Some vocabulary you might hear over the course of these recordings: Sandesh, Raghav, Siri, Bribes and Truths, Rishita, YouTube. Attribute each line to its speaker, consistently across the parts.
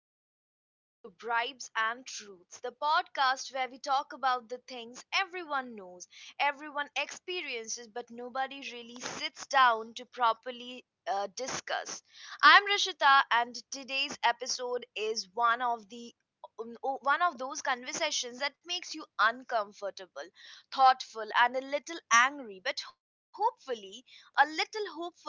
Speaker 1: Welcome back to Bribes and Truths, the podcast where we talk about the things everyone knows, everyone experiences, but nobody really sits down to properly discuss. I'm Rishita, and today's episode is one of those conversations that makes you uncomfortable, thoughtful, and a little angry, but hopefully a little hopeful too,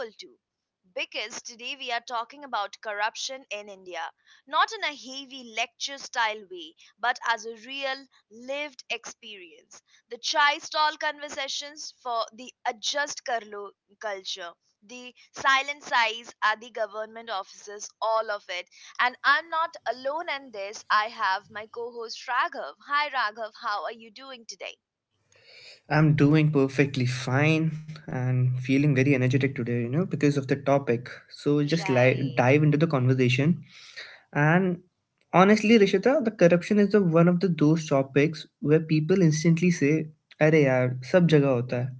Speaker 1: because today we are talking about corruption in India, not in a heavy lecture style way, but as a real lived experience. The chai stall conversations, for the adjust Karlo culture, the silent sighs at the government offices, all of it. And I'm not alone in this. I have my co host Raghav. Hi, Raghav, how are you doing today?
Speaker 2: I'm doing perfectly fine and feeling very energetic today, you know, because of the topic. So
Speaker 1: Right.
Speaker 2: dive into the conversation. And honestly, Rishita, the corruption is the one of the those topics where people instantly say, "अरे यार, सब जगह होता है."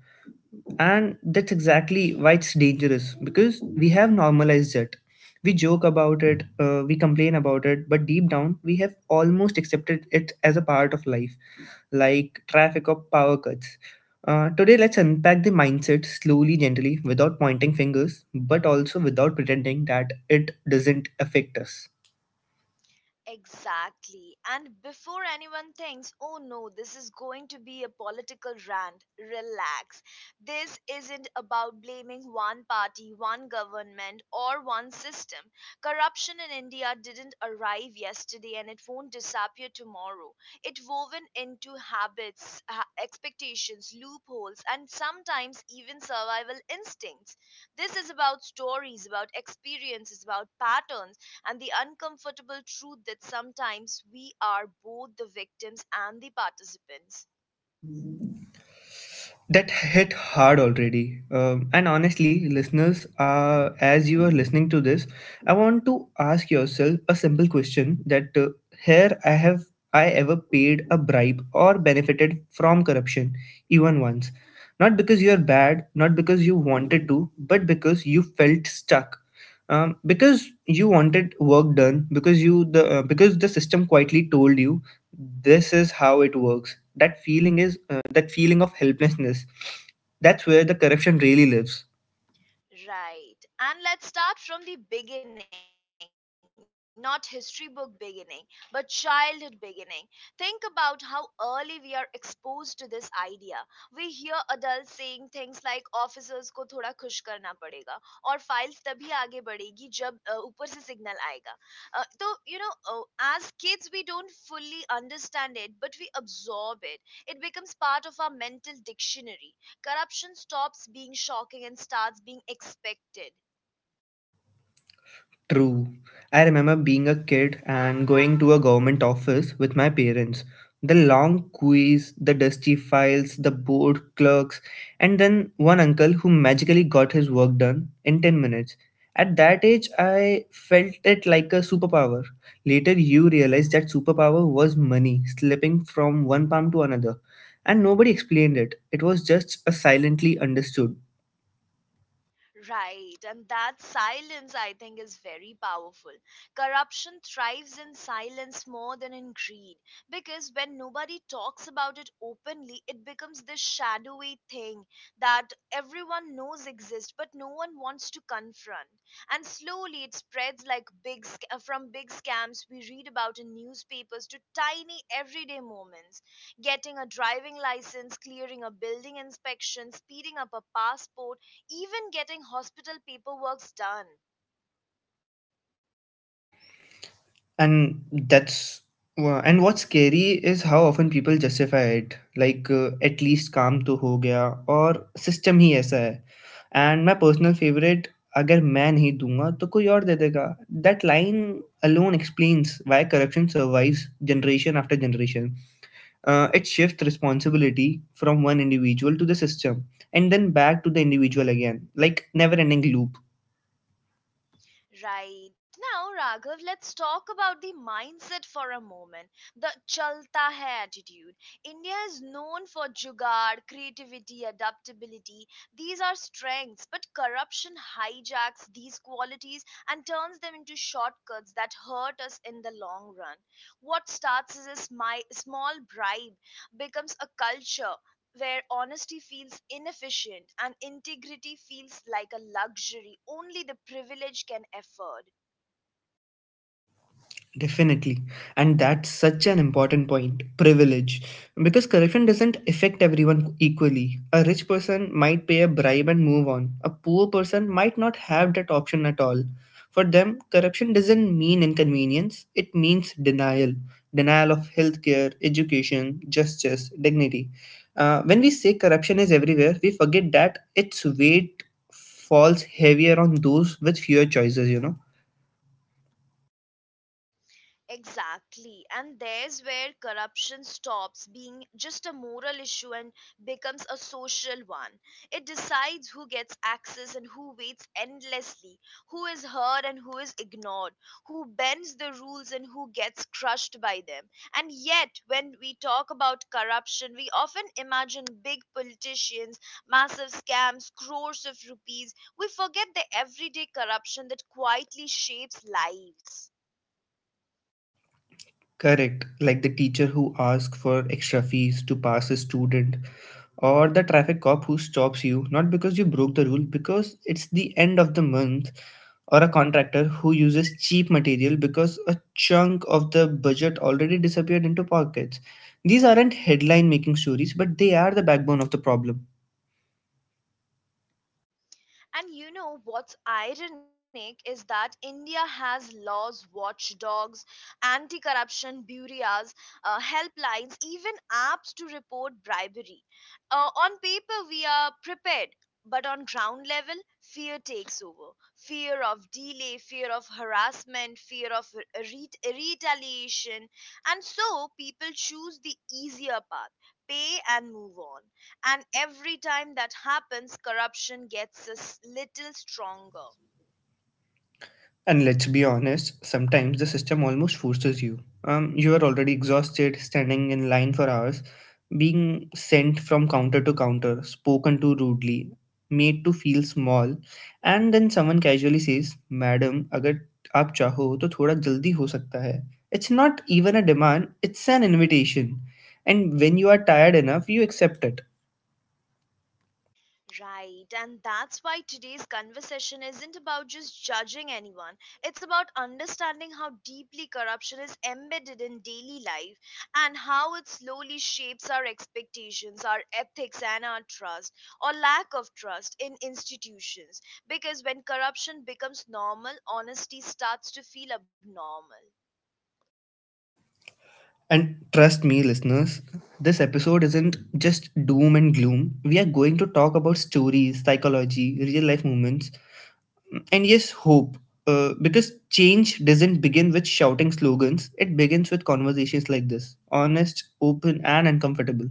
Speaker 2: And that's exactly why it's dangerous because we have normalized it. We joke about it, we complain about it, but deep down, we have almost accepted it as a part of life, like traffic or power cuts. Today, let's unpack the mindset slowly, gently, without pointing fingers, but also without pretending that it doesn't affect us.
Speaker 1: Exactly. And before anyone thinks, oh no, this is going to be a political rant, relax. This isn't about blaming one party, one government, or one system. Corruption in India didn't arrive yesterday and it won't disappear tomorrow. It woven into habits, expectations, loopholes, and sometimes even survival instincts. This is about stories, about experiences, about patterns, and the uncomfortable truth that sometimes we are both the victims and the participants.
Speaker 2: That hit hard already. And honestly, listeners, as you are listening to this, I want to ask yourself a simple question: that here I ever paid a bribe or benefited from corruption, even once? Not because you are bad, not because you wanted to, but because you felt stuck. Because you wanted work done, because you the because the system quietly told you this is how it works. That feeling is, that feeling of helplessness, that's where the corruption really lives.
Speaker 1: Right. And let's start from the beginning, not history book beginning, but childhood beginning. Think about how early we are exposed to this idea. We hear adults saying things like officers को थोड़ा खुश करना पड़ेगा, और files तभी आगे बढ़ेगी जब ऊपर से signal आएगा. तो, as kids we don't fully understand it, but we absorb it. It becomes part of our mental dictionary. Corruption stops being shocking and starts being expected.
Speaker 2: True. I remember being a kid and going to a government office with my parents. The long queues, the dusty files, the bored clerks, and then one uncle who magically got his work done in 10 minutes. At that age, I felt it like a superpower. Later, you realize that superpower was money slipping from one palm to another, and nobody explained it. It was just a silently understood.
Speaker 1: Right, and that silence, I think, is very powerful. Corruption thrives in silence more than in greed, because when nobody talks about it openly, it becomes this shadowy thing that everyone knows exists but no one wants to confront. And slowly it spreads, from big scams we read about in newspapers to tiny everyday moments: getting a driving license, clearing a building inspection, speeding up a passport, even getting hospital paperwork done.
Speaker 2: And that's and what's scary is how often people justify it. Like at least come to, ho gaya or system he. ऐसा है. And my personal favorite, अगर मैं नहीं दूँगा तो कोई और देतेगा. That line alone explains why corruption survives generation after generation. It shifts responsibility from one individual to the system and then back to the individual again, like never-ending loop.
Speaker 1: Right, now, Raghav, let's talk about the mindset for a moment. The chalta hai attitude. India is known for jugaad, creativity, adaptability. These are strengths, but corruption hijacks these qualities and turns them into shortcuts that hurt us in the long run. What starts as a small bribe becomes a culture, where honesty feels inefficient and integrity feels like a luxury only the privileged can afford.
Speaker 2: Definitely. And that's such an important point, privilege. Because corruption doesn't affect everyone equally. A rich person might pay a bribe and move on, a poor person might not have that option at all. For them, corruption doesn't mean inconvenience, it means denial, denial of healthcare, education, justice, dignity. When we say corruption is everywhere, we forget that its weight falls heavier on those with fewer choices, you know.
Speaker 1: Exactly. And there's where corruption stops being just a moral issue and becomes a social one. It decides who gets access and who waits endlessly, who is heard and who is ignored, who bends the rules and who gets crushed by them. And yet, when we talk about corruption, we often imagine big politicians, massive scams, crores of rupees. We forget the everyday corruption that quietly shapes lives.
Speaker 2: Correct, like the teacher who asks for extra fees to pass a student, or the traffic cop who stops you not because you broke the rule, because it's the end of the month, or a contractor who uses cheap material because a chunk of the budget already disappeared into pockets. These aren't headline making stories, but they are the backbone of the problem.
Speaker 1: And you know what's ironic is that India has laws, watchdogs, anti corruption bureaus, helplines, even apps to report bribery. Uh, on paper, we are prepared. But on ground level, fear takes over. Fear of delay, fear of harassment, fear of retaliation. And so people choose the easier path, pay and move on. And every time that happens, corruption gets a little stronger.
Speaker 2: And let's be honest, sometimes the system almost forces you. You are already exhausted, standing in line for hours, being sent from counter to counter, spoken to rudely, made to feel small, and then someone casually says, "Madam, अगर आप चाहो तो थोड़ा जल्दी हो सकता है." It's not even a demand; it's an invitation. And when you are tired enough, you accept it.
Speaker 1: Right, and that's why today's conversation isn't about just judging anyone. It's about understanding how deeply corruption is embedded in daily life, and how it slowly shapes our expectations, our ethics, and our trust, or lack of trust, in institutions. Because when corruption becomes normal, honesty starts to feel abnormal.
Speaker 2: And trust me, listeners, this episode isn't just doom and gloom. We are going to talk about stories, psychology, real life moments, and yes, hope. Because change doesn't begin with shouting slogans, it begins with conversations like this, honest, open, and uncomfortable.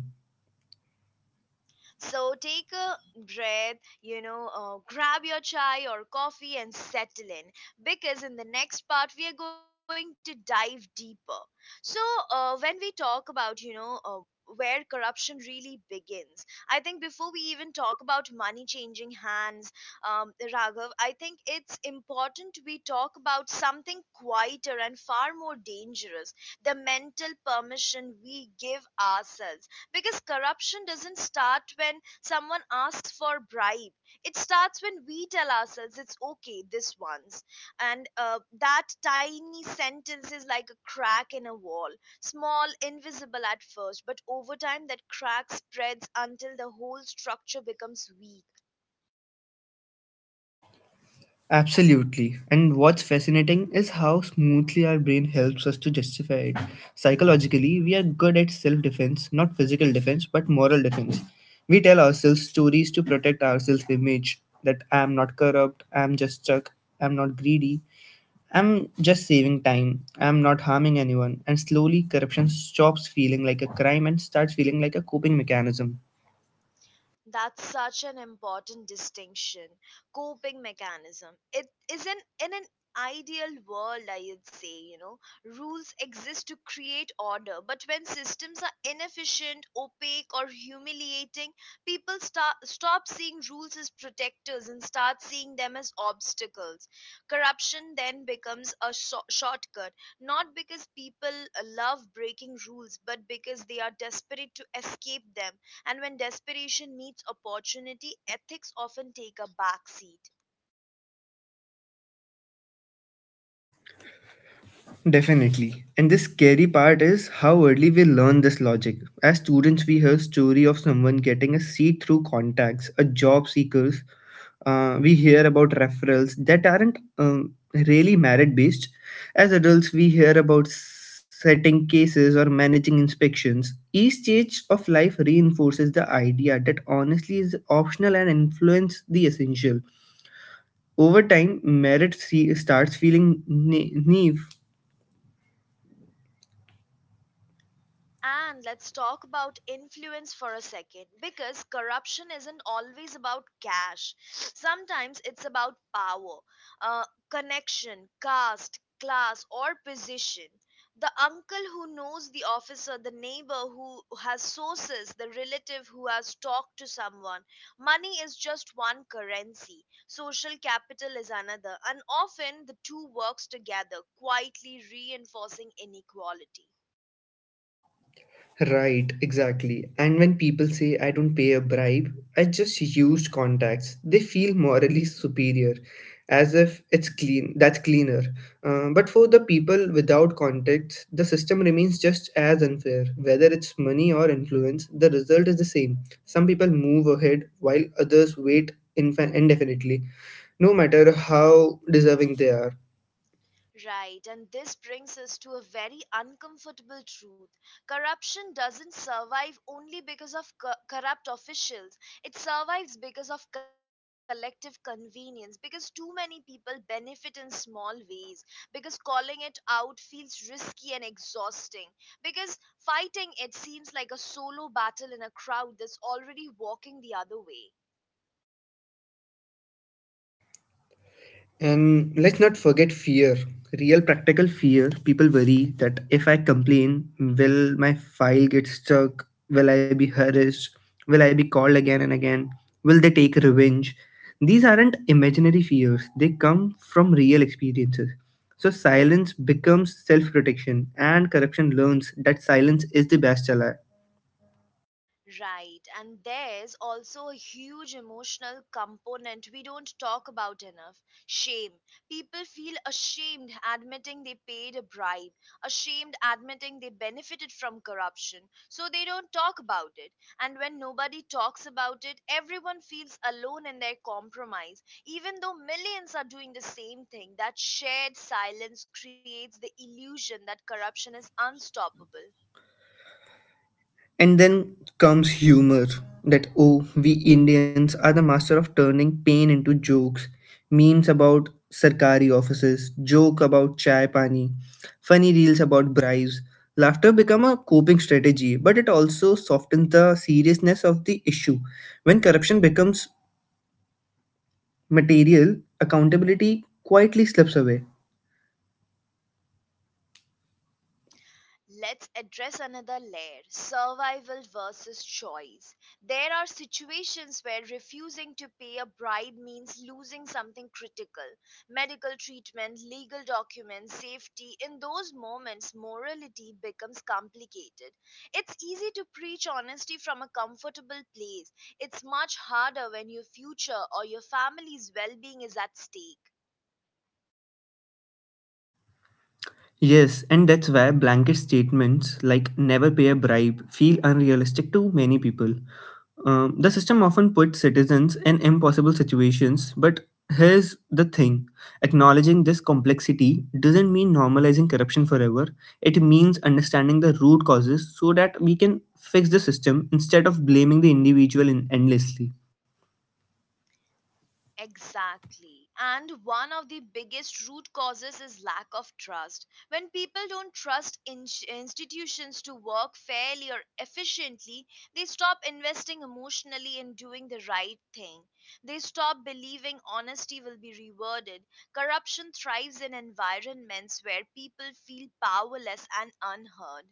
Speaker 1: So take a breath, you know, grab your chai or coffee and settle in, because in the next part we are going to dive deeper. So, when we talk about, where corruption really begins. I think before we even talk about money changing hands, Raghav, I think it's important we talk about something quieter and far more dangerous: the mental permission we give ourselves, because corruption doesn't start when someone asks for bribe, it starts when we tell ourselves it's okay this once. And that tiny sentence is like a crack in a wall, small, invisible at first, but over time that crack spreads until the whole structure becomes weak.
Speaker 2: Absolutely. And what's fascinating is how smoothly our brain helps us to justify it. Psychologically, we are good at self defense, not physical defense, but moral defense. We tell ourselves stories to protect our self image that I am not corrupt, I am just stuck, I am not greedy, I am just saving time, I am not harming anyone. And slowly, corruption stops feeling like a crime and starts feeling like a coping mechanism.
Speaker 1: That's such an important distinction. Coping mechanism. It isn't. In an ideal world, I'd say, you know, rules exist to create order, but when systems are inefficient, opaque, or humiliating, people start, stop seeing rules as protectors and start seeing them as obstacles. Corruption then becomes a shortcut, not because people love breaking rules, but because they are desperate to escape them, and when desperation meets opportunity, ethics often take a back seat.
Speaker 2: Definitely. And the scary part is how early we learn this logic. As students, we hear story of someone getting a seat through contacts, a job seekers. We hear about referrals that aren't really merit based. As adults, we hear about setting cases or managing inspections. Each stage of life reinforces the idea that honestly is optional and influence the essential. Over time, starts feeling naive.
Speaker 1: And let's talk about influence for a second, because corruption isn't always about cash. Sometimes it's about power, uh, connection, caste, class, or position. The uncle who knows the officer, the neighbor who has sources, the relative who has talked to someone. Money is just one currency. Social capital is another. And often the two works together, quietly reinforcing inequality.
Speaker 2: Right, exactly. And when people say I don't pay a bribe, I just used contacts. They feel morally superior, as if it's clean. That's cleaner. But for the people without contacts, the system remains just as unfair. Whether it's money or influence, the result is the same. Some people move ahead while others wait indefinitely, no matter how deserving they are.
Speaker 1: Right, and this brings us to a very uncomfortable truth. Corruption doesn't survive only because of corrupt officials. It survives because of collective convenience, because too many people benefit in small ways, because calling it out feels risky and exhausting, because fighting it seems like a solo battle in a crowd that's already walking the other way.
Speaker 2: And let's not forget fear, real practical fear. People worry that if I complain, will my file get stuck? Will I be harassed? Will I be called again and again? Will they take revenge? These aren't imaginary fears, they come from real experiences. So silence becomes self protection, and corruption learns that silence is the best ally.
Speaker 1: Right, and there's also a huge emotional component we don't talk about enough: shame. People feel ashamed admitting they paid a bribe, ashamed admitting they benefited from corruption, so they don't talk about it. And when nobody talks about it, everyone feels alone in their compromise, even though millions are doing the same thing. That shared silence creates the illusion that corruption is unstoppable.
Speaker 2: And then comes humor that, oh, we Indians are the master of turning pain into jokes, memes about sarkari offices, joke about chai pani, funny reels about bribes. Laughter become a coping strategy, but it also softens the seriousness of the issue. When corruption becomes material, accountability quietly slips away.
Speaker 1: Let's address another layer: survival versus choice. There are situations where refusing to pay a bribe means losing something critical: medical treatment, legal documents, safety. In those moments, morality becomes complicated. It's easy to preach honesty from a comfortable place, it's much harder when your future or your family's well being is at stake.
Speaker 2: Yes, and that's why blanket statements like never pay a bribe feel unrealistic to many people. The system often puts citizens in impossible situations, but here's the thing, acknowledging this complexity doesn't mean normalizing corruption forever, it means understanding the root causes so that we can fix the system instead of blaming the individual endlessly.
Speaker 1: Exactly. And one of the biggest root causes is lack of trust. When people don't trust institutions to work fairly or efficiently, they stop investing emotionally in doing the right thing. They stop believing honesty will be rewarded. Corruption thrives in environments where people feel powerless and unheard.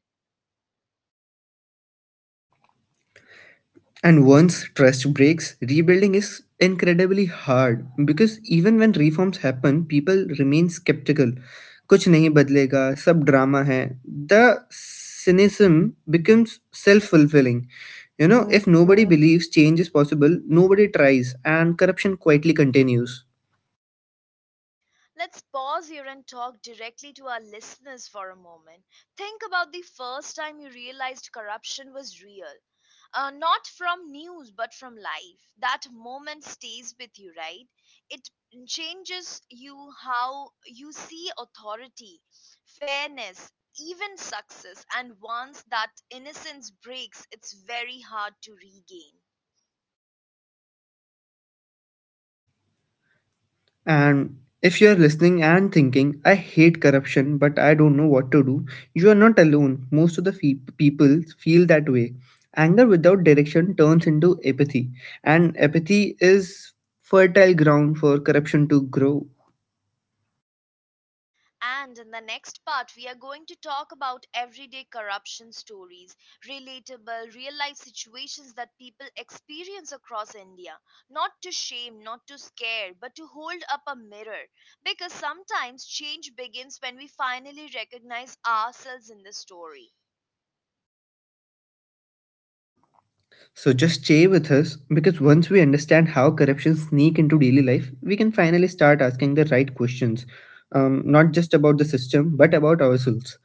Speaker 2: And once trust breaks, rebuilding is incredibly hard because even when reforms happen, people remain skeptical. कुछ नहीं बदलेगा सब drama. The cynicism becomes self-fulfilling. You know, if nobody believes change is possible, nobody tries, and corruption quietly continues.
Speaker 1: Let's pause here and talk directly to our listeners for a moment. Think about the first time you realized corruption was real. Not from news, but from life. That moment stays with you, right? It changes you: how you see authority, fairness, even success. And once that innocence breaks, it's very hard to regain.
Speaker 2: And if you are listening and thinking, I hate corruption, but I don't know what to do, you are not alone. Most of the people feel that way. Anger without direction turns into apathy, and apathy is fertile ground for corruption to grow.
Speaker 1: And in the next part, we are going to talk about everyday corruption stories, relatable, real life situations that people experience across India. Not to shame, not to scare, but to hold up a mirror. Because sometimes change begins when we finally recognize ourselves in the story.
Speaker 2: So just stay with us because once we understand how corruption sneak into daily life, we can finally start asking the right questions, not just about the system but about ourselves.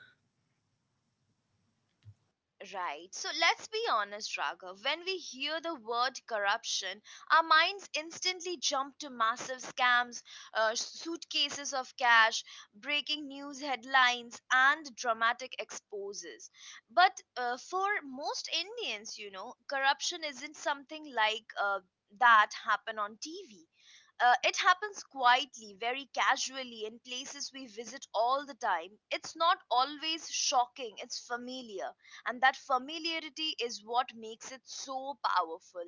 Speaker 1: Right. So let's be honest, Raghav. When we hear the word corruption, our minds instantly jump to massive scams, suitcases of cash, breaking news headlines, and dramatic exposes. But for most Indians, corruption isn't something like that happen on TV. It happens quietly, very casually, in places we visit all the time. It's not always shocking, it's familiar, and that familiarity is what makes it so powerful.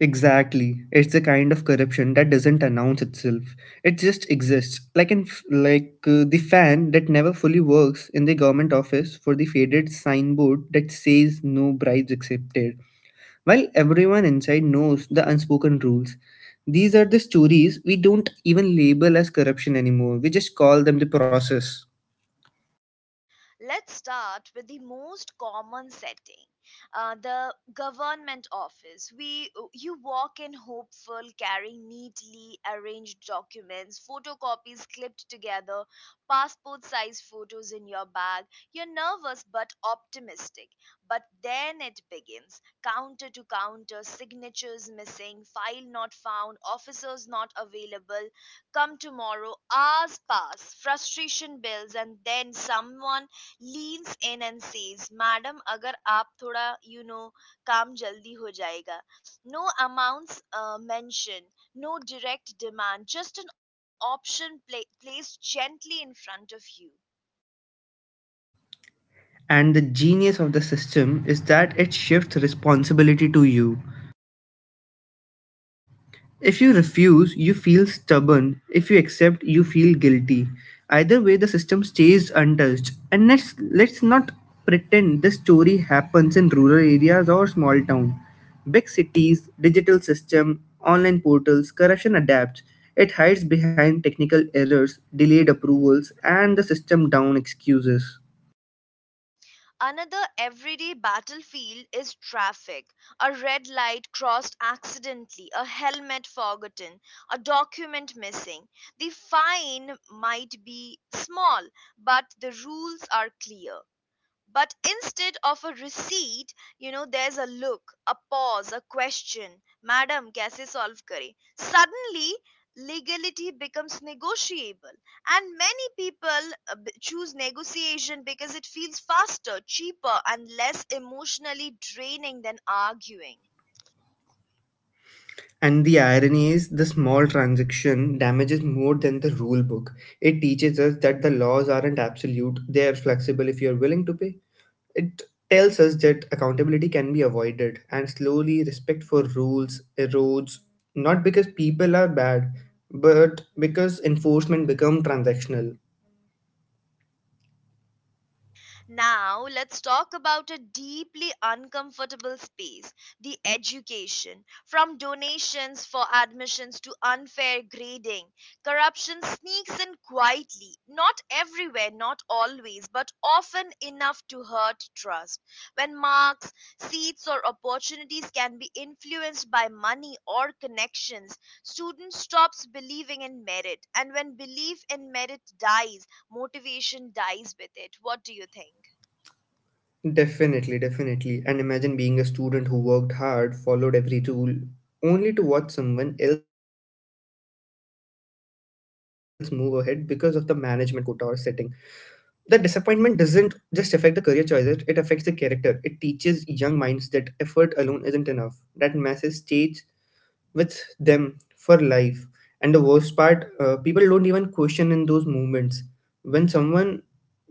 Speaker 2: Exactly. It's the kind of corruption that doesn't announce itself. It just exists. Like in f- like the fan that never fully works in the government office for the faded signboard that says no bribes accepted. While everyone inside knows the unspoken rules. These are the stories we don't even label as corruption anymore. We just call them the process.
Speaker 1: Let's start with the most common setting, the government office. We you walk in hopeful, carrying neatly arranged documents, photocopies clipped together, passport-size photos in your bag. You're nervous but optimistic. But then it begins. Counter to counter, signatures missing, file not found, officers not available, come tomorrow. Hours pass, frustration builds, and then someone leans in and says, "madam, अगर आप थोड़ा, you know काम जल्दी हो जाएगा." No amounts mentioned, no direct demand, just an option placed gently in front of you.
Speaker 2: And the genius of the system is that it shifts responsibility to you. If you refuse, you feel stubborn. If you accept, you feel guilty. Either way, the system stays untouched. And let's not pretend this story happens in rural areas or small town. Big cities, digital system, online portals, corruption adapts. It hides behind technical errors, delayed approvals, and the system down excuses.
Speaker 1: Another everyday battlefield is traffic. A red light crossed accidentally, a helmet forgotten, a document missing. The fine might be small, but the rules are clear. But instead of a receipt, you know, there's a look, a pause, a question: madam kaise solve kare? Suddenly legality becomes negotiable, and many people choose negotiation because it feels faster, cheaper, and less emotionally draining than arguing.
Speaker 2: And the irony is, the small transaction damages more than the rule book. It teaches us that the laws aren't absolute, they are flexible if you're willing to pay. It tells us that accountability can be avoided, and slowly respect for rules erodes, not because people are bad, but because enforcement become transactional.
Speaker 1: Now, let's talk about a deeply uncomfortable space: the education. From donations for admissions to unfair grading, corruption sneaks in quietly, not everywhere, not always, but often enough to hurt trust. When marks, seats, or opportunities can be influenced by money or connections, students stops believing in merit, and when belief in merit dies, motivation dies with it. What do you think?
Speaker 2: Definitely, definitely. And imagine being a student who worked hard, followed every rule, only to watch someone else move ahead because of the management quota or setting. The disappointment doesn't just affect the career choices, it affects the character. It teaches young minds that effort alone isn't enough. That message stays with them for life. And the worst part, people don't even question in those moments. When someone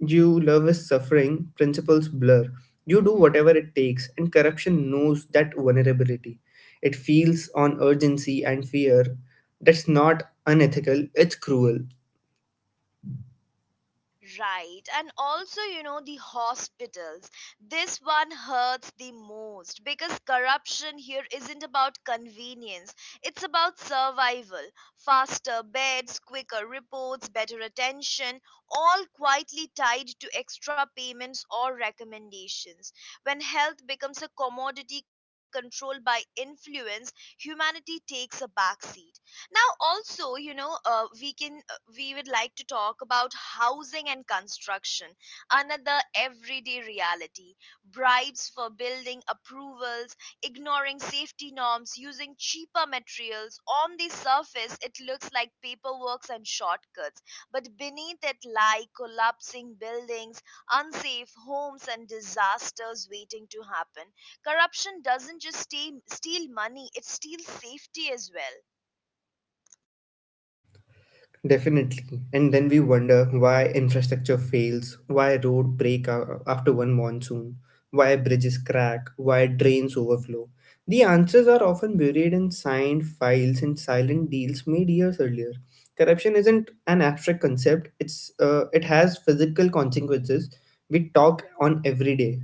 Speaker 2: you love is suffering, principles blur. You do
Speaker 1: Hmm.
Speaker 2: whatever it takes, and corruption knows that vulnerability. It feels on urgency and fear. That's not unethical, it's cruel.
Speaker 1: Right. And also, the hospitals. This one hurts the most because corruption here isn't about convenience, it's about survival. Faster beds, quicker reports, better attention, all quietly tied to extra payments or recommendations. When health becomes a commodity controlled by influence, humanity takes a backseat now also we can we would like to talk about housing and construction, another everyday reality. Bribes for building approvals, ignoring safety norms, using cheaper materials. On the surface, it looks like paperwork and shortcuts, but beneath it lie collapsing buildings, unsafe homes, and disasters waiting to happen. Corruption doesn't just steal money, it steals safety as well.
Speaker 2: Definitely. And then we wonder why infrastructure fails, why after one monsoon, why bridges crack, why drains overflow. The answers are often buried in signed files and silent deals made years earlier. Corruption isn't an abstract concept. It has physical consequences we talk on every day.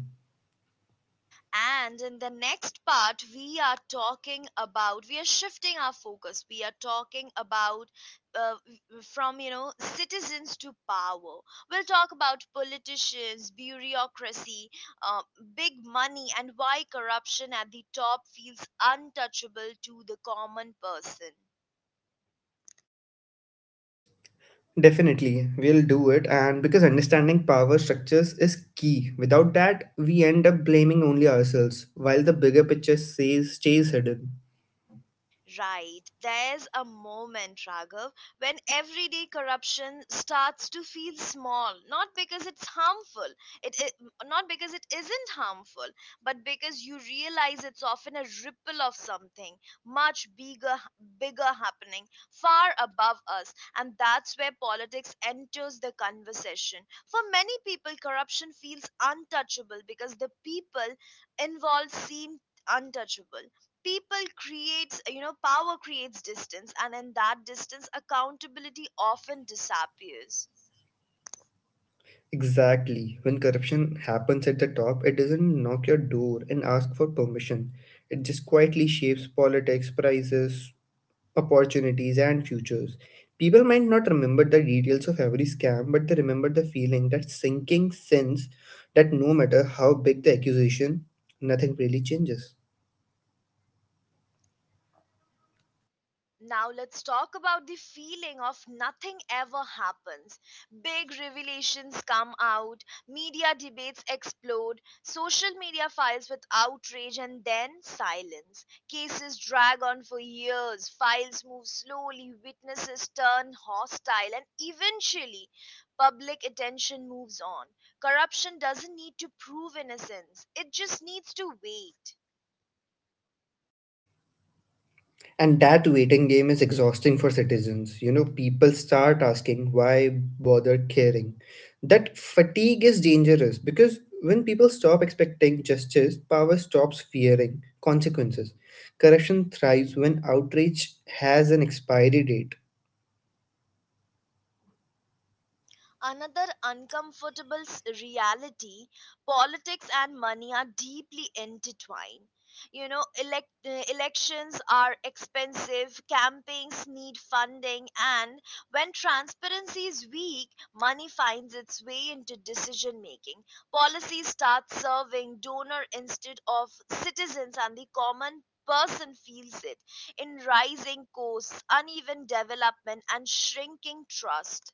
Speaker 1: And in the next part, we are shifting our focus. We are talking about uh, from, you know, citizens to power. We'll talk about politicians, bureaucracy, uh, big money, and why corruption at the top feels untouchable to the common person.
Speaker 2: Definitely, we'll do it, and because understanding power structures is key. Without that, we end up blaming only ourselves, while the bigger picture stays hidden.
Speaker 1: Right. There's a moment, Raghav, when everyday corruption starts to feel small, not because it's harmful, it not because it isn't harmful, but because you realize it's often a ripple of something much bigger happening far above us, and that's where politics enters the conversation. For many people, corruption feels untouchable because the people involved seem untouchable. People creates you know Power creates distance, and in that distance accountability often disappears.
Speaker 2: Exactly. When corruption happens at the top, it doesn't knock your door and ask for permission. It just quietly shapes politics, prices, opportunities, and futures. People might not remember the details of every scam, but they remember the feeling, that sinking sense that no matter how big the accusation, nothing really changes.
Speaker 1: Now let's talk about the feeling of nothing ever happens. Big revelations come out, media debates explode, social media files with outrage and then silence. Cases drag on for years, files move slowly, witnesses turn hostile, and eventually public attention moves on. Corruption doesn't need to prove innocence. It just needs to wait.
Speaker 2: And that waiting game is exhausting for citizens. You know, people start asking, why bother caring? That fatigue is dangerous because when people stop expecting justice, power stops fearing consequences. Corruption thrives when outrage has an expiry date.
Speaker 1: Another uncomfortable reality, politics and money are deeply intertwined. You know, elections are expensive, campaigns need funding, and when transparency is weak, money finds its way into decision making. Policy starts serving donor instead of citizens, and the common person feels it in rising costs, uneven development, and shrinking trust.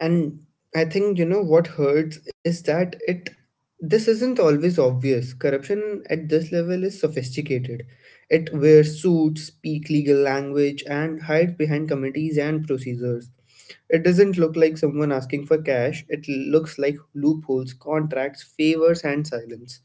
Speaker 2: And I think you know what hurts is that it this isn't always obvious. Corruption at this level is sophisticated. It wears suits, speak legal language, and hides behind committees and procedures. It doesn't look like someone asking for cash. It looks like loopholes, contracts, favors, and silence.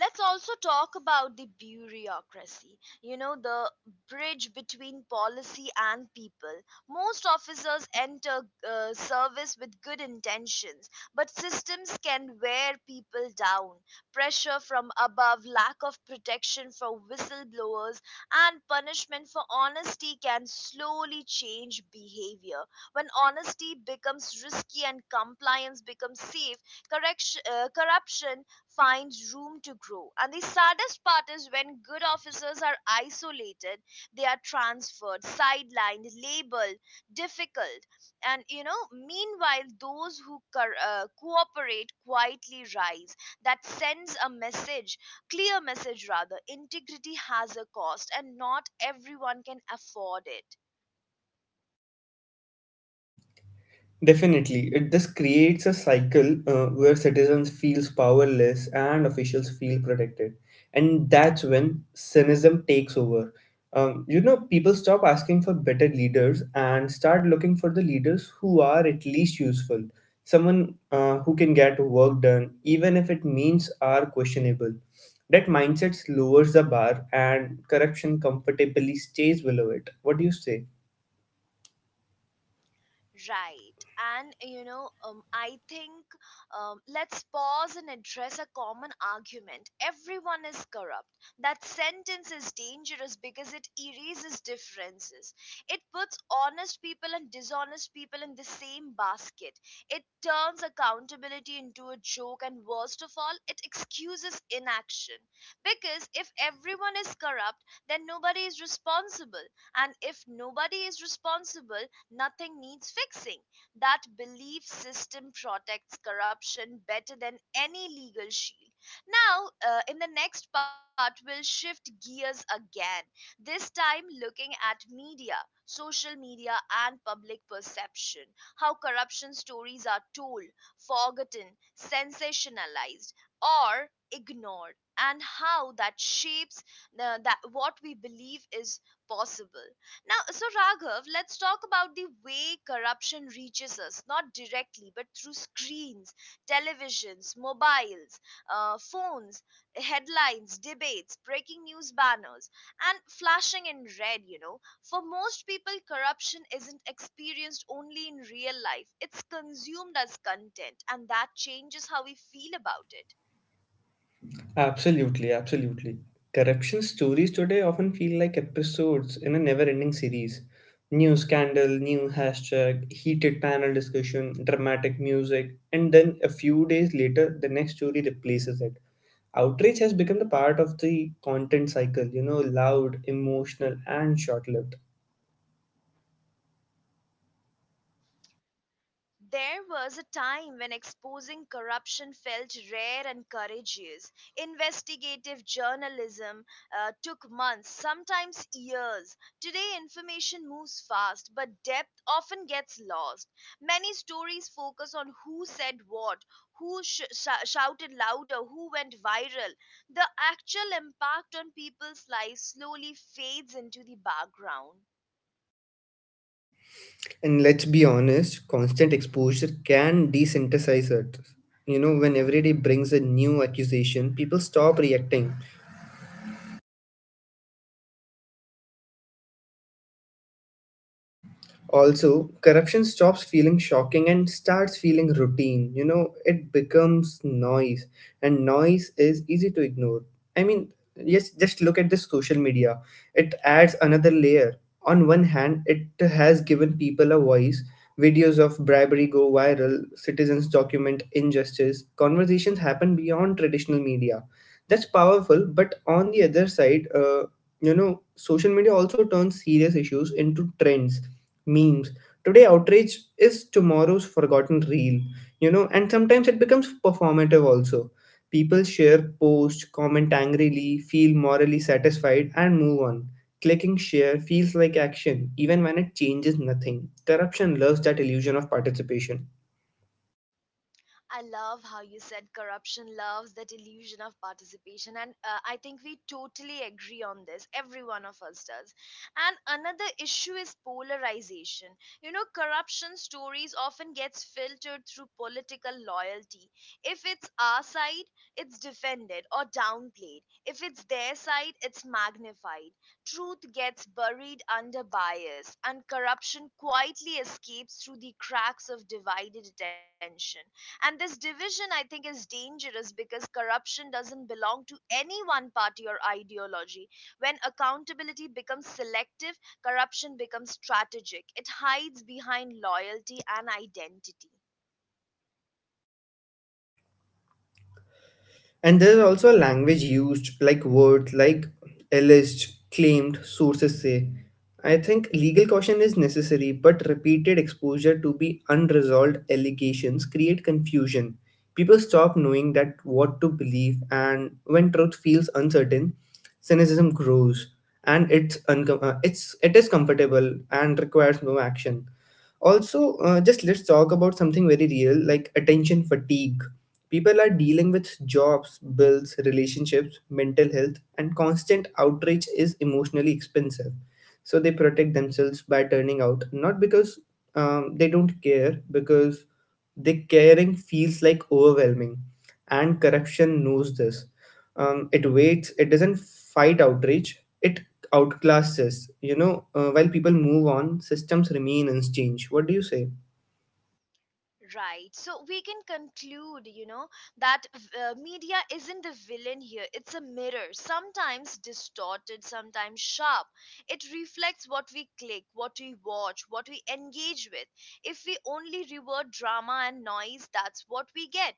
Speaker 1: Let's also talk about the bureaucracy, you know, the bridge between policy and people. Most officers enter service with good intentions, but systems can wear people down. Pressure from above, lack of protection for whistleblowers, and punishment for honesty can slowly change behavior. When honesty becomes risky and compliance becomes safe, corruption finds room to grow. And the saddest part is when good officers are isolated, they are transferred, sidelined, labeled difficult. And you know, meanwhile, those who cooperate quietly rise. That sends a message, clear message rather. Integrity has a cost, and not everyone can afford it.
Speaker 2: Definitely, it this creates a cycle, where citizens feels powerless and officials feel protected, and that's when cynicism takes over. People stop asking for better leaders and start looking for the leaders who are at least useful, someone who can get work done, even if it means are questionable. That mindset lowers the bar, and corruption comfortably stays below it. What do you say?
Speaker 1: Right. And you know, I think let's pause and address a common argument. Everyone is corrupt. That sentence is dangerous because it erases differences. It puts honest people and dishonest people in the same basket. It turns accountability into a joke, and worst of all, it excuses inaction. Because if everyone is corrupt, then nobody is responsible. And if nobody is responsible, nothing needs fixing. That belief system protects corruption better than any legal shield. Now, in the next part, we'll shift gears again, this time looking at media. Social media and public perception, how corruption stories are told, forgotten, sensationalized, or ignored, and how that shapes that what we believe is possible. Now, so Raghav, let's talk about the way corruption reaches us, not directly, but through screens, televisions, mobiles, phones, headlines, debates, breaking news banners, and flashing in red. You know, for most people, corruption isn't experienced only in real life, it's consumed as content, and that changes how we feel about it.
Speaker 2: Absolutely, absolutely. Corruption stories today often feel like episodes in a never ending series. New scandal, new hashtag, heated panel discussion, dramatic music, and then a few days later, the next story replaces it. Outrage has become the part of the content cycle, you know, loud, emotional, and short lived.
Speaker 1: There was a time when exposing corruption felt rare and courageous. Investigative journalism took months, sometimes years. Today, information moves fast, but depth often gets lost. Many stories focus on who said what, who shouted louder, who went viral. The actual impact on people's lives slowly fades into the background.
Speaker 2: And let's be honest, constant exposure can desensitize it. You know, when every day brings a new accusation, people stop reacting. Also, corruption stops feeling shocking and starts feeling routine. You know, it becomes noise, and noise is easy to ignore. I mean, yes, just look at this social media. It adds another layer. On one hand, it has given people a voice. Videos of bribery go viral, citizens document injustice, conversations happen beyond traditional media. That's powerful, but on the other side, you know, social media also turns serious issues into trends, memes. Today, outrage is tomorrow's forgotten reel, you know, and sometimes it becomes performative also. People share, post, comment angrily, feel morally satisfied, and move on. Clicking share feels like action, even when it changes nothing. Corruption loves that illusion of participation.
Speaker 1: I love how you said corruption loves that illusion of participation, and I think we totally agree on this. Every one of us does. And another issue is polarization. You know, corruption stories often gets filtered through political loyalty. If it's our side, it's defended or downplayed. If it's their side, it's magnified. Truth gets buried under bias, and corruption quietly escapes through the cracks of divided attention. And this division, I think, is dangerous because corruption doesn't belong to any one party or ideology. When accountability becomes selective, corruption becomes strategic, it hides behind loyalty and identity.
Speaker 2: And there is also a language used, like words like alleged, claimed, sources say. I think legal caution is necessary, but repeated exposure to be unresolved allegations create confusion. People stop knowing that what to believe, and when truth feels uncertain, cynicism grows, and it's uncom- it's it is comfortable and requires no action. Also, just let's talk about something very real, like attention fatigue. People are dealing with jobs, bills, relationships, mental health, and constant outrage is emotionally expensive. So they protect themselves by turning out, not because they don't care, because the caring feels like overwhelming. And corruption knows this. It waits, it doesn't fight outrage, it outclasses. You know, while people move on, systems remain unchanged. What do you say?
Speaker 1: Right. So we can conclude, you know, that media isn't the villain here. It's a mirror, sometimes distorted, sometimes sharp. It reflects what we click, what we watch, what we engage with. If we only reward drama and noise, that's what we get.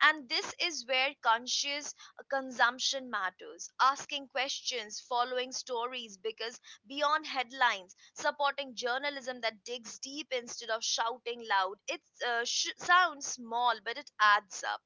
Speaker 1: And this is where conscious consumption matters. Asking questions, following stories, because beyond headlines, supporting journalism that digs deep instead of shouting loud. It sounds small, but it adds up.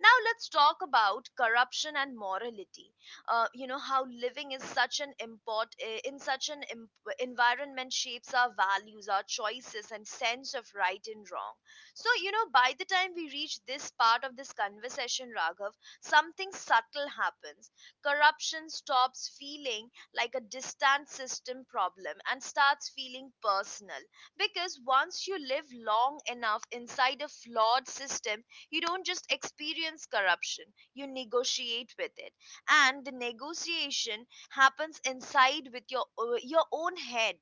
Speaker 1: Now let's talk about corruption and morality. You know how living is such an import eh, in such an environment shapes our values, our choices, and sense of right and wrong. So you know by the time we reach this part of this conversation, Raghav, something subtle happens. Corruption stops feeling like a distant system problem and starts feeling personal, because once you live long enough inside a flawed system you don't just experience corruption, you negotiate with it, and the negotiation happens inside with your own head.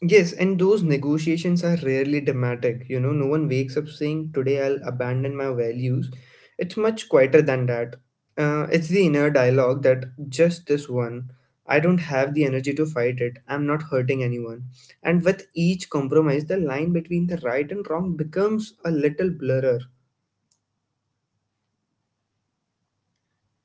Speaker 2: Yes, and those negotiations are rarely dramatic. You know, no one wakes up saying, today I'll abandon my values. It's much quieter than that. It's the inner dialogue that just this one, I don't have the energy to fight it, I'm not hurting anyone. And with each compromise, the line between the right and wrong becomes a little blurrer.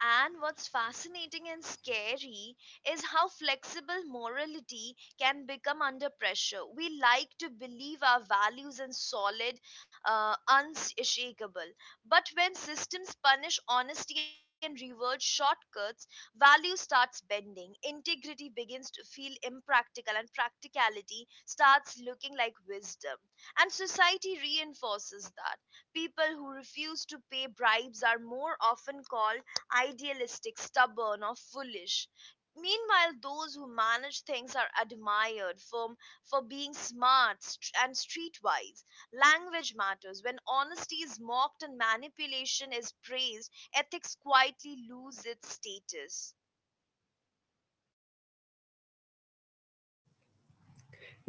Speaker 1: And what's fascinating and scary is how flexible morality can become under pressure. We like to believe our values are solid, unshakable. But when systems punish honesty and reward shortcuts, value starts bending. Integrity begins to feel impractical, and practicality starts looking like wisdom. And society reinforces that people who refuse to pay bribes are more often called idealistic, stubborn, or foolish. Meanwhile, those who manage things are admired for being and streetwise. Language matters. When honesty is mocked and manipulation is praised, ethics quietly lose its status.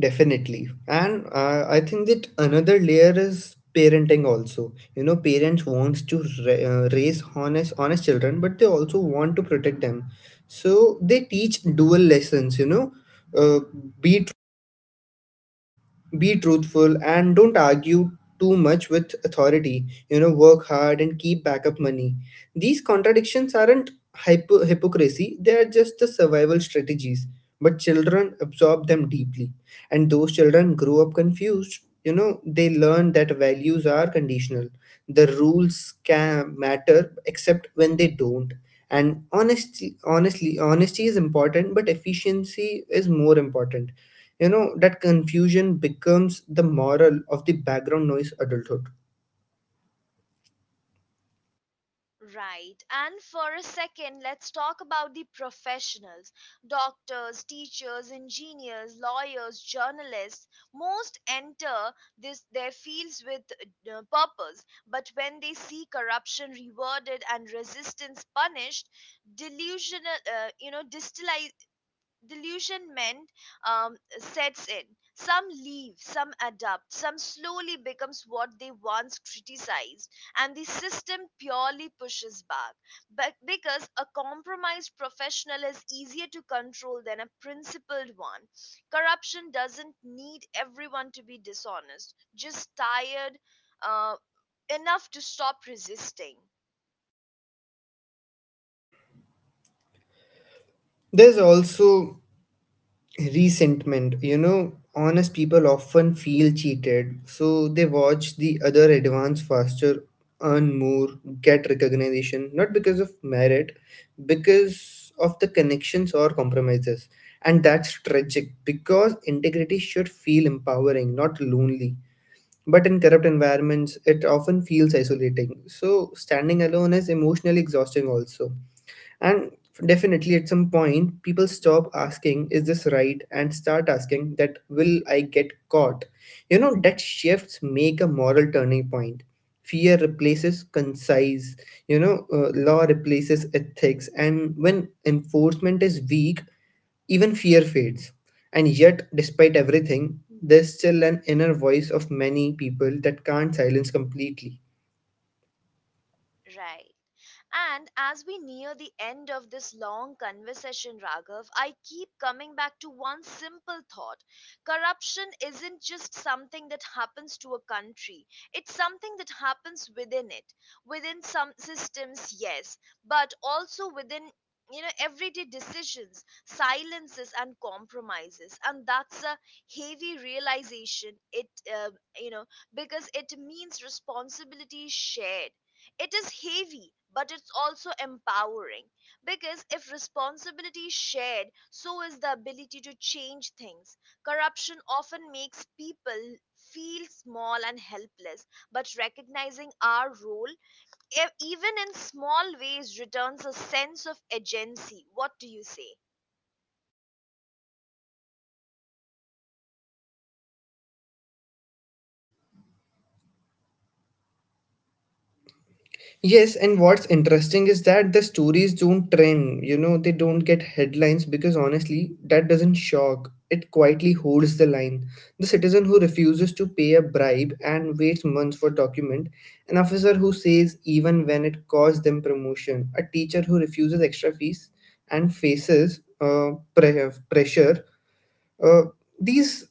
Speaker 2: Definitely. And I think that another layer is parenting also. You know, parents wants to raise honest, honest children, but they also want to protect them. So they teach dual lessons, you know, uh, be be truthful and don't argue too much with authority. You know, work hard and keep backup money. These contradictions aren't hypocrisy, they are just the survival strategies. But children absorb them deeply. And those children grow up confused. You know, they learn that values are conditional. The rules can matter except when they don't, and honesty is important but efficiency is more important. You know, that confusion becomes the moral of the background noise adulthood.
Speaker 1: Right. And for a second, let's talk about the professionals, doctors, teachers, engineers, lawyers, journalists. Most enter their fields with purpose, but when they see corruption rewarded and resistance punished, delusional, you know, distali- delusionment sets in. Some leave, some adapt, some slowly becomes what they once criticized, and the system purely pushes back. But because a compromised professional is easier to control than a principled one, corruption doesn't need everyone to be dishonest, just tired uh, enough to stop resisting.
Speaker 2: There's also resentment. You know, honest people often feel cheated, so they watch the other advance faster, earn more, get recognition not because of merit, because of the connections or compromises. And that's tragic because integrity should feel empowering, not lonely. But in corrupt environments it often feels isolating, so standing alone is emotionally exhausting also. And definitely, at some point, people stop asking, is this right? And start asking, that will I get caught? You know, that shifts make a moral turning point. Fear replaces concise, you know, law replaces ethics, and when enforcement is weak, even fear fades. And yet, despite everything, there's still an inner voice of many people that can't silence completely.
Speaker 1: Right. And as we near the end of this long conversation, Raghav, I keep coming back to one simple thought. Corruption isn't just something that happens to a country, it's something that happens within it, within some systems, yes, but also within, you know, everyday decisions, silences and compromises, and that's a heavy realization. It uh, you know, because it means responsibility is shared. It is heavy, but it's also empowering, because if responsibility is shared, so is the ability to change things. Corruption often makes people feel small and helpless, but recognizing our role, even in small ways, returns a sense of agency. What do you say?
Speaker 2: Yes, and what's interesting is that the stories don't trend. You know, they don't get headlines because honestly, that doesn't shock. It quietly holds the line. The citizen who refuses to pay a bribe and waits months for document, an officer who says even when it costs them promotion, a teacher who refuses extra fees and faces pressure. Uh, these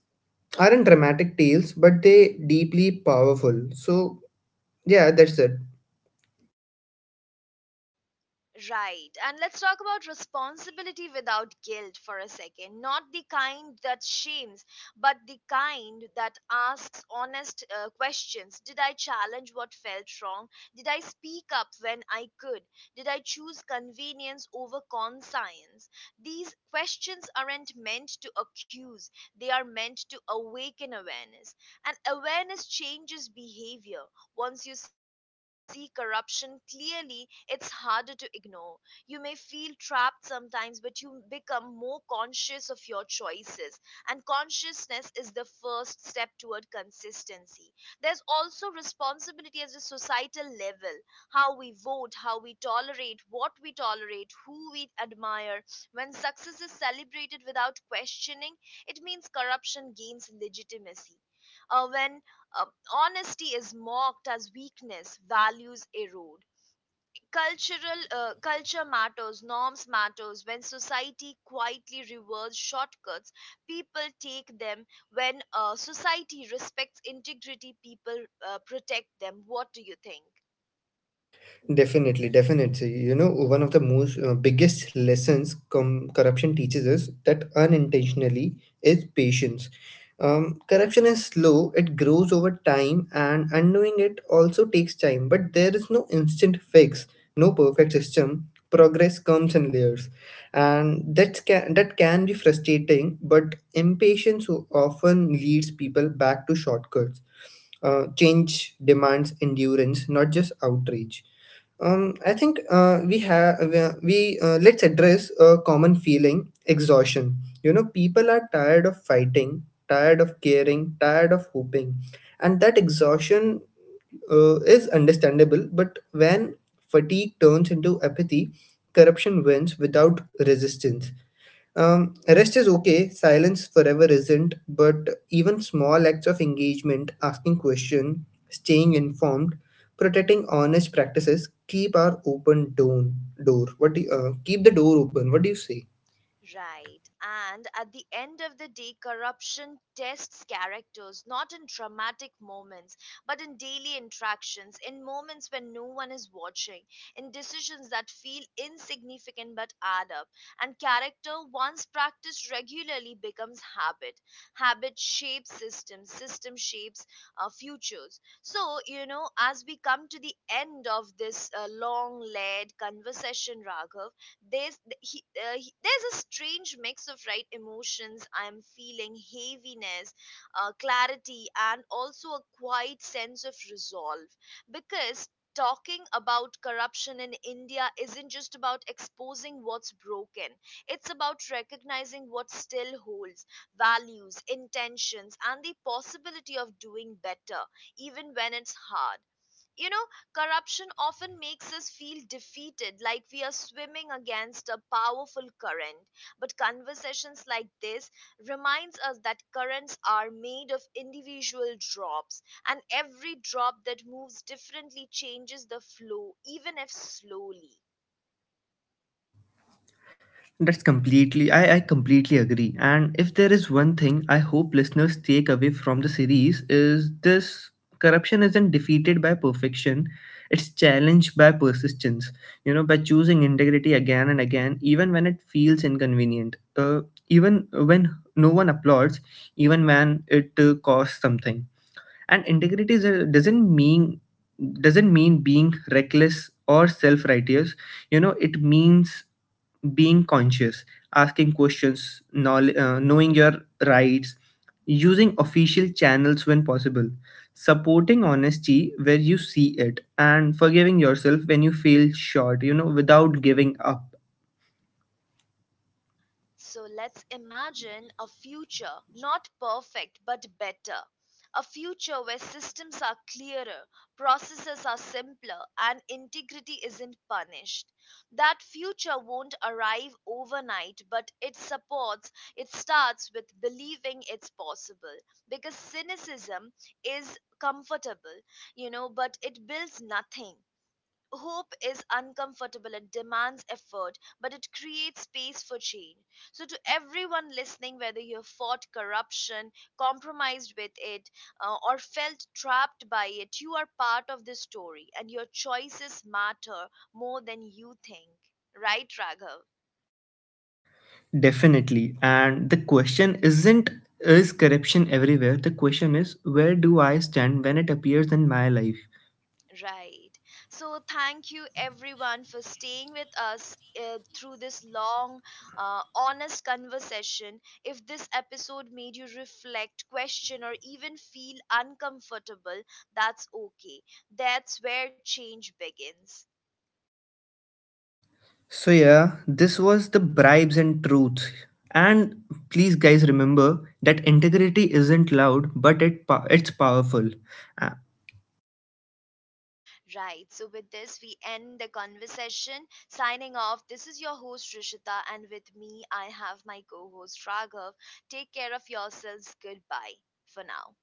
Speaker 2: aren't dramatic tales, but they deeply powerful. So yeah, that's it.
Speaker 1: Right. And let's talk about responsibility without guilt for a second. Not the kind that shames, but the kind that asks honest questions. Did I challenge what felt wrong? Did I speak up when I could? Did I choose convenience over conscience? These questions aren't meant to accuse, they are meant to awaken awareness. And awareness changes behavior. Once you see corruption clearly, it's harder to ignore. You may feel trapped sometimes, but you become more conscious of your choices. And consciousness is the first step toward consistency. There's also responsibility as a societal level, how we vote, how we tolerate, what we tolerate, who we admire. When success is celebrated without questioning, it means corruption gains legitimacy. When uh, honesty is mocked as weakness, values erode. Cultural Culture matters, norms matters. When society quietly rewards shortcuts, people take them. When society respects integrity, people protect them. What do you think?
Speaker 2: Definitely, definitely. You know, one of the most biggest lessons corruption teaches us that unintentionally is patience. Corruption is slow; it grows over time, and undoing it also takes time. But there is no instant fix, no perfect system. Progress comes in layers, and that can be frustrating. But impatience often leads people back to shortcuts. Change demands endurance, not just outrage. I think we have we let's address a common feeling exhaustion. You know, people are tired of fighting, tired of caring, tired of hoping, and that exhaustion is understandable. But when fatigue turns into apathy, corruption wins without resistance. Rest is okay, silence forever isn't, but even small acts of engagement, asking questions, staying informed, protecting honest practices keep our open door. What do you, keep the door open? What do you say?
Speaker 1: Right. And at the end of the day, corruption tests characters not in dramatic moments, but in daily interactions, in moments when no one is watching, in decisions that feel insignificant but add up. And character, once practiced regularly, becomes habit. Habit shapes systems, system shapes futures. So, you know, as we come to the end of this long led conversation, Raghav, there's there's a strange mix of right emotions. I'm feeling heaviness, clarity, and also a quiet sense of resolve, because talking about corruption in India isn't just about exposing what's broken, it's about recognizing what still holds, values, intentions, and the possibility of doing better even when it's hard. You know, corruption often makes us feel defeated, like we are swimming against a powerful current. But conversations like this reminds us that currents are made of individual drops, and every drop that moves differently changes the flow, even if slowly.
Speaker 2: That's completely, I completely agree. And if there is one thing I hope listeners take away from the series is this: corruption isn't defeated by perfection, it's challenged by persistence. You know, by choosing integrity again and again, even when it feels inconvenient, even when no one applauds, even when it costs something. And integrity is a- doesn't mean being reckless or self-righteous. You know, it means being conscious, asking questions, knowing your rights, using official channels when possible, supporting honesty where you see it, and forgiving yourself when you feel short, you know, without giving up.
Speaker 1: So let's imagine a future, not perfect but better. A future where systems are clearer, processes are simpler, and integrity isn't punished. That future won't arrive overnight, but it starts with believing it's possible. Because cynicism is comfortable, you know, but it builds nothing. Hope is uncomfortable, it demands effort, but it creates space for change. So to everyone listening, whether you have fought corruption, compromised with it, or felt trapped by it, you are part of this story, and your choices matter more than you think. Right, Raghav?
Speaker 2: Definitely. And the question isn't, is corruption everywhere? The question is, where do I stand when it appears in my life?
Speaker 1: Right. So, thank you everyone for staying with us through this long, honest conversation. If this episode made you reflect, question, or even feel uncomfortable, that's okay. That's where change begins.
Speaker 2: So yeah, this was the bribes and truths. And please guys remember that integrity isn't loud but it's powerful. Uh,
Speaker 1: Right. So, with this, we end the conversation. Signing off, this is your host, Rishita, and with me, I have my co host, Raghav. Take care of yourselves. Goodbye for now.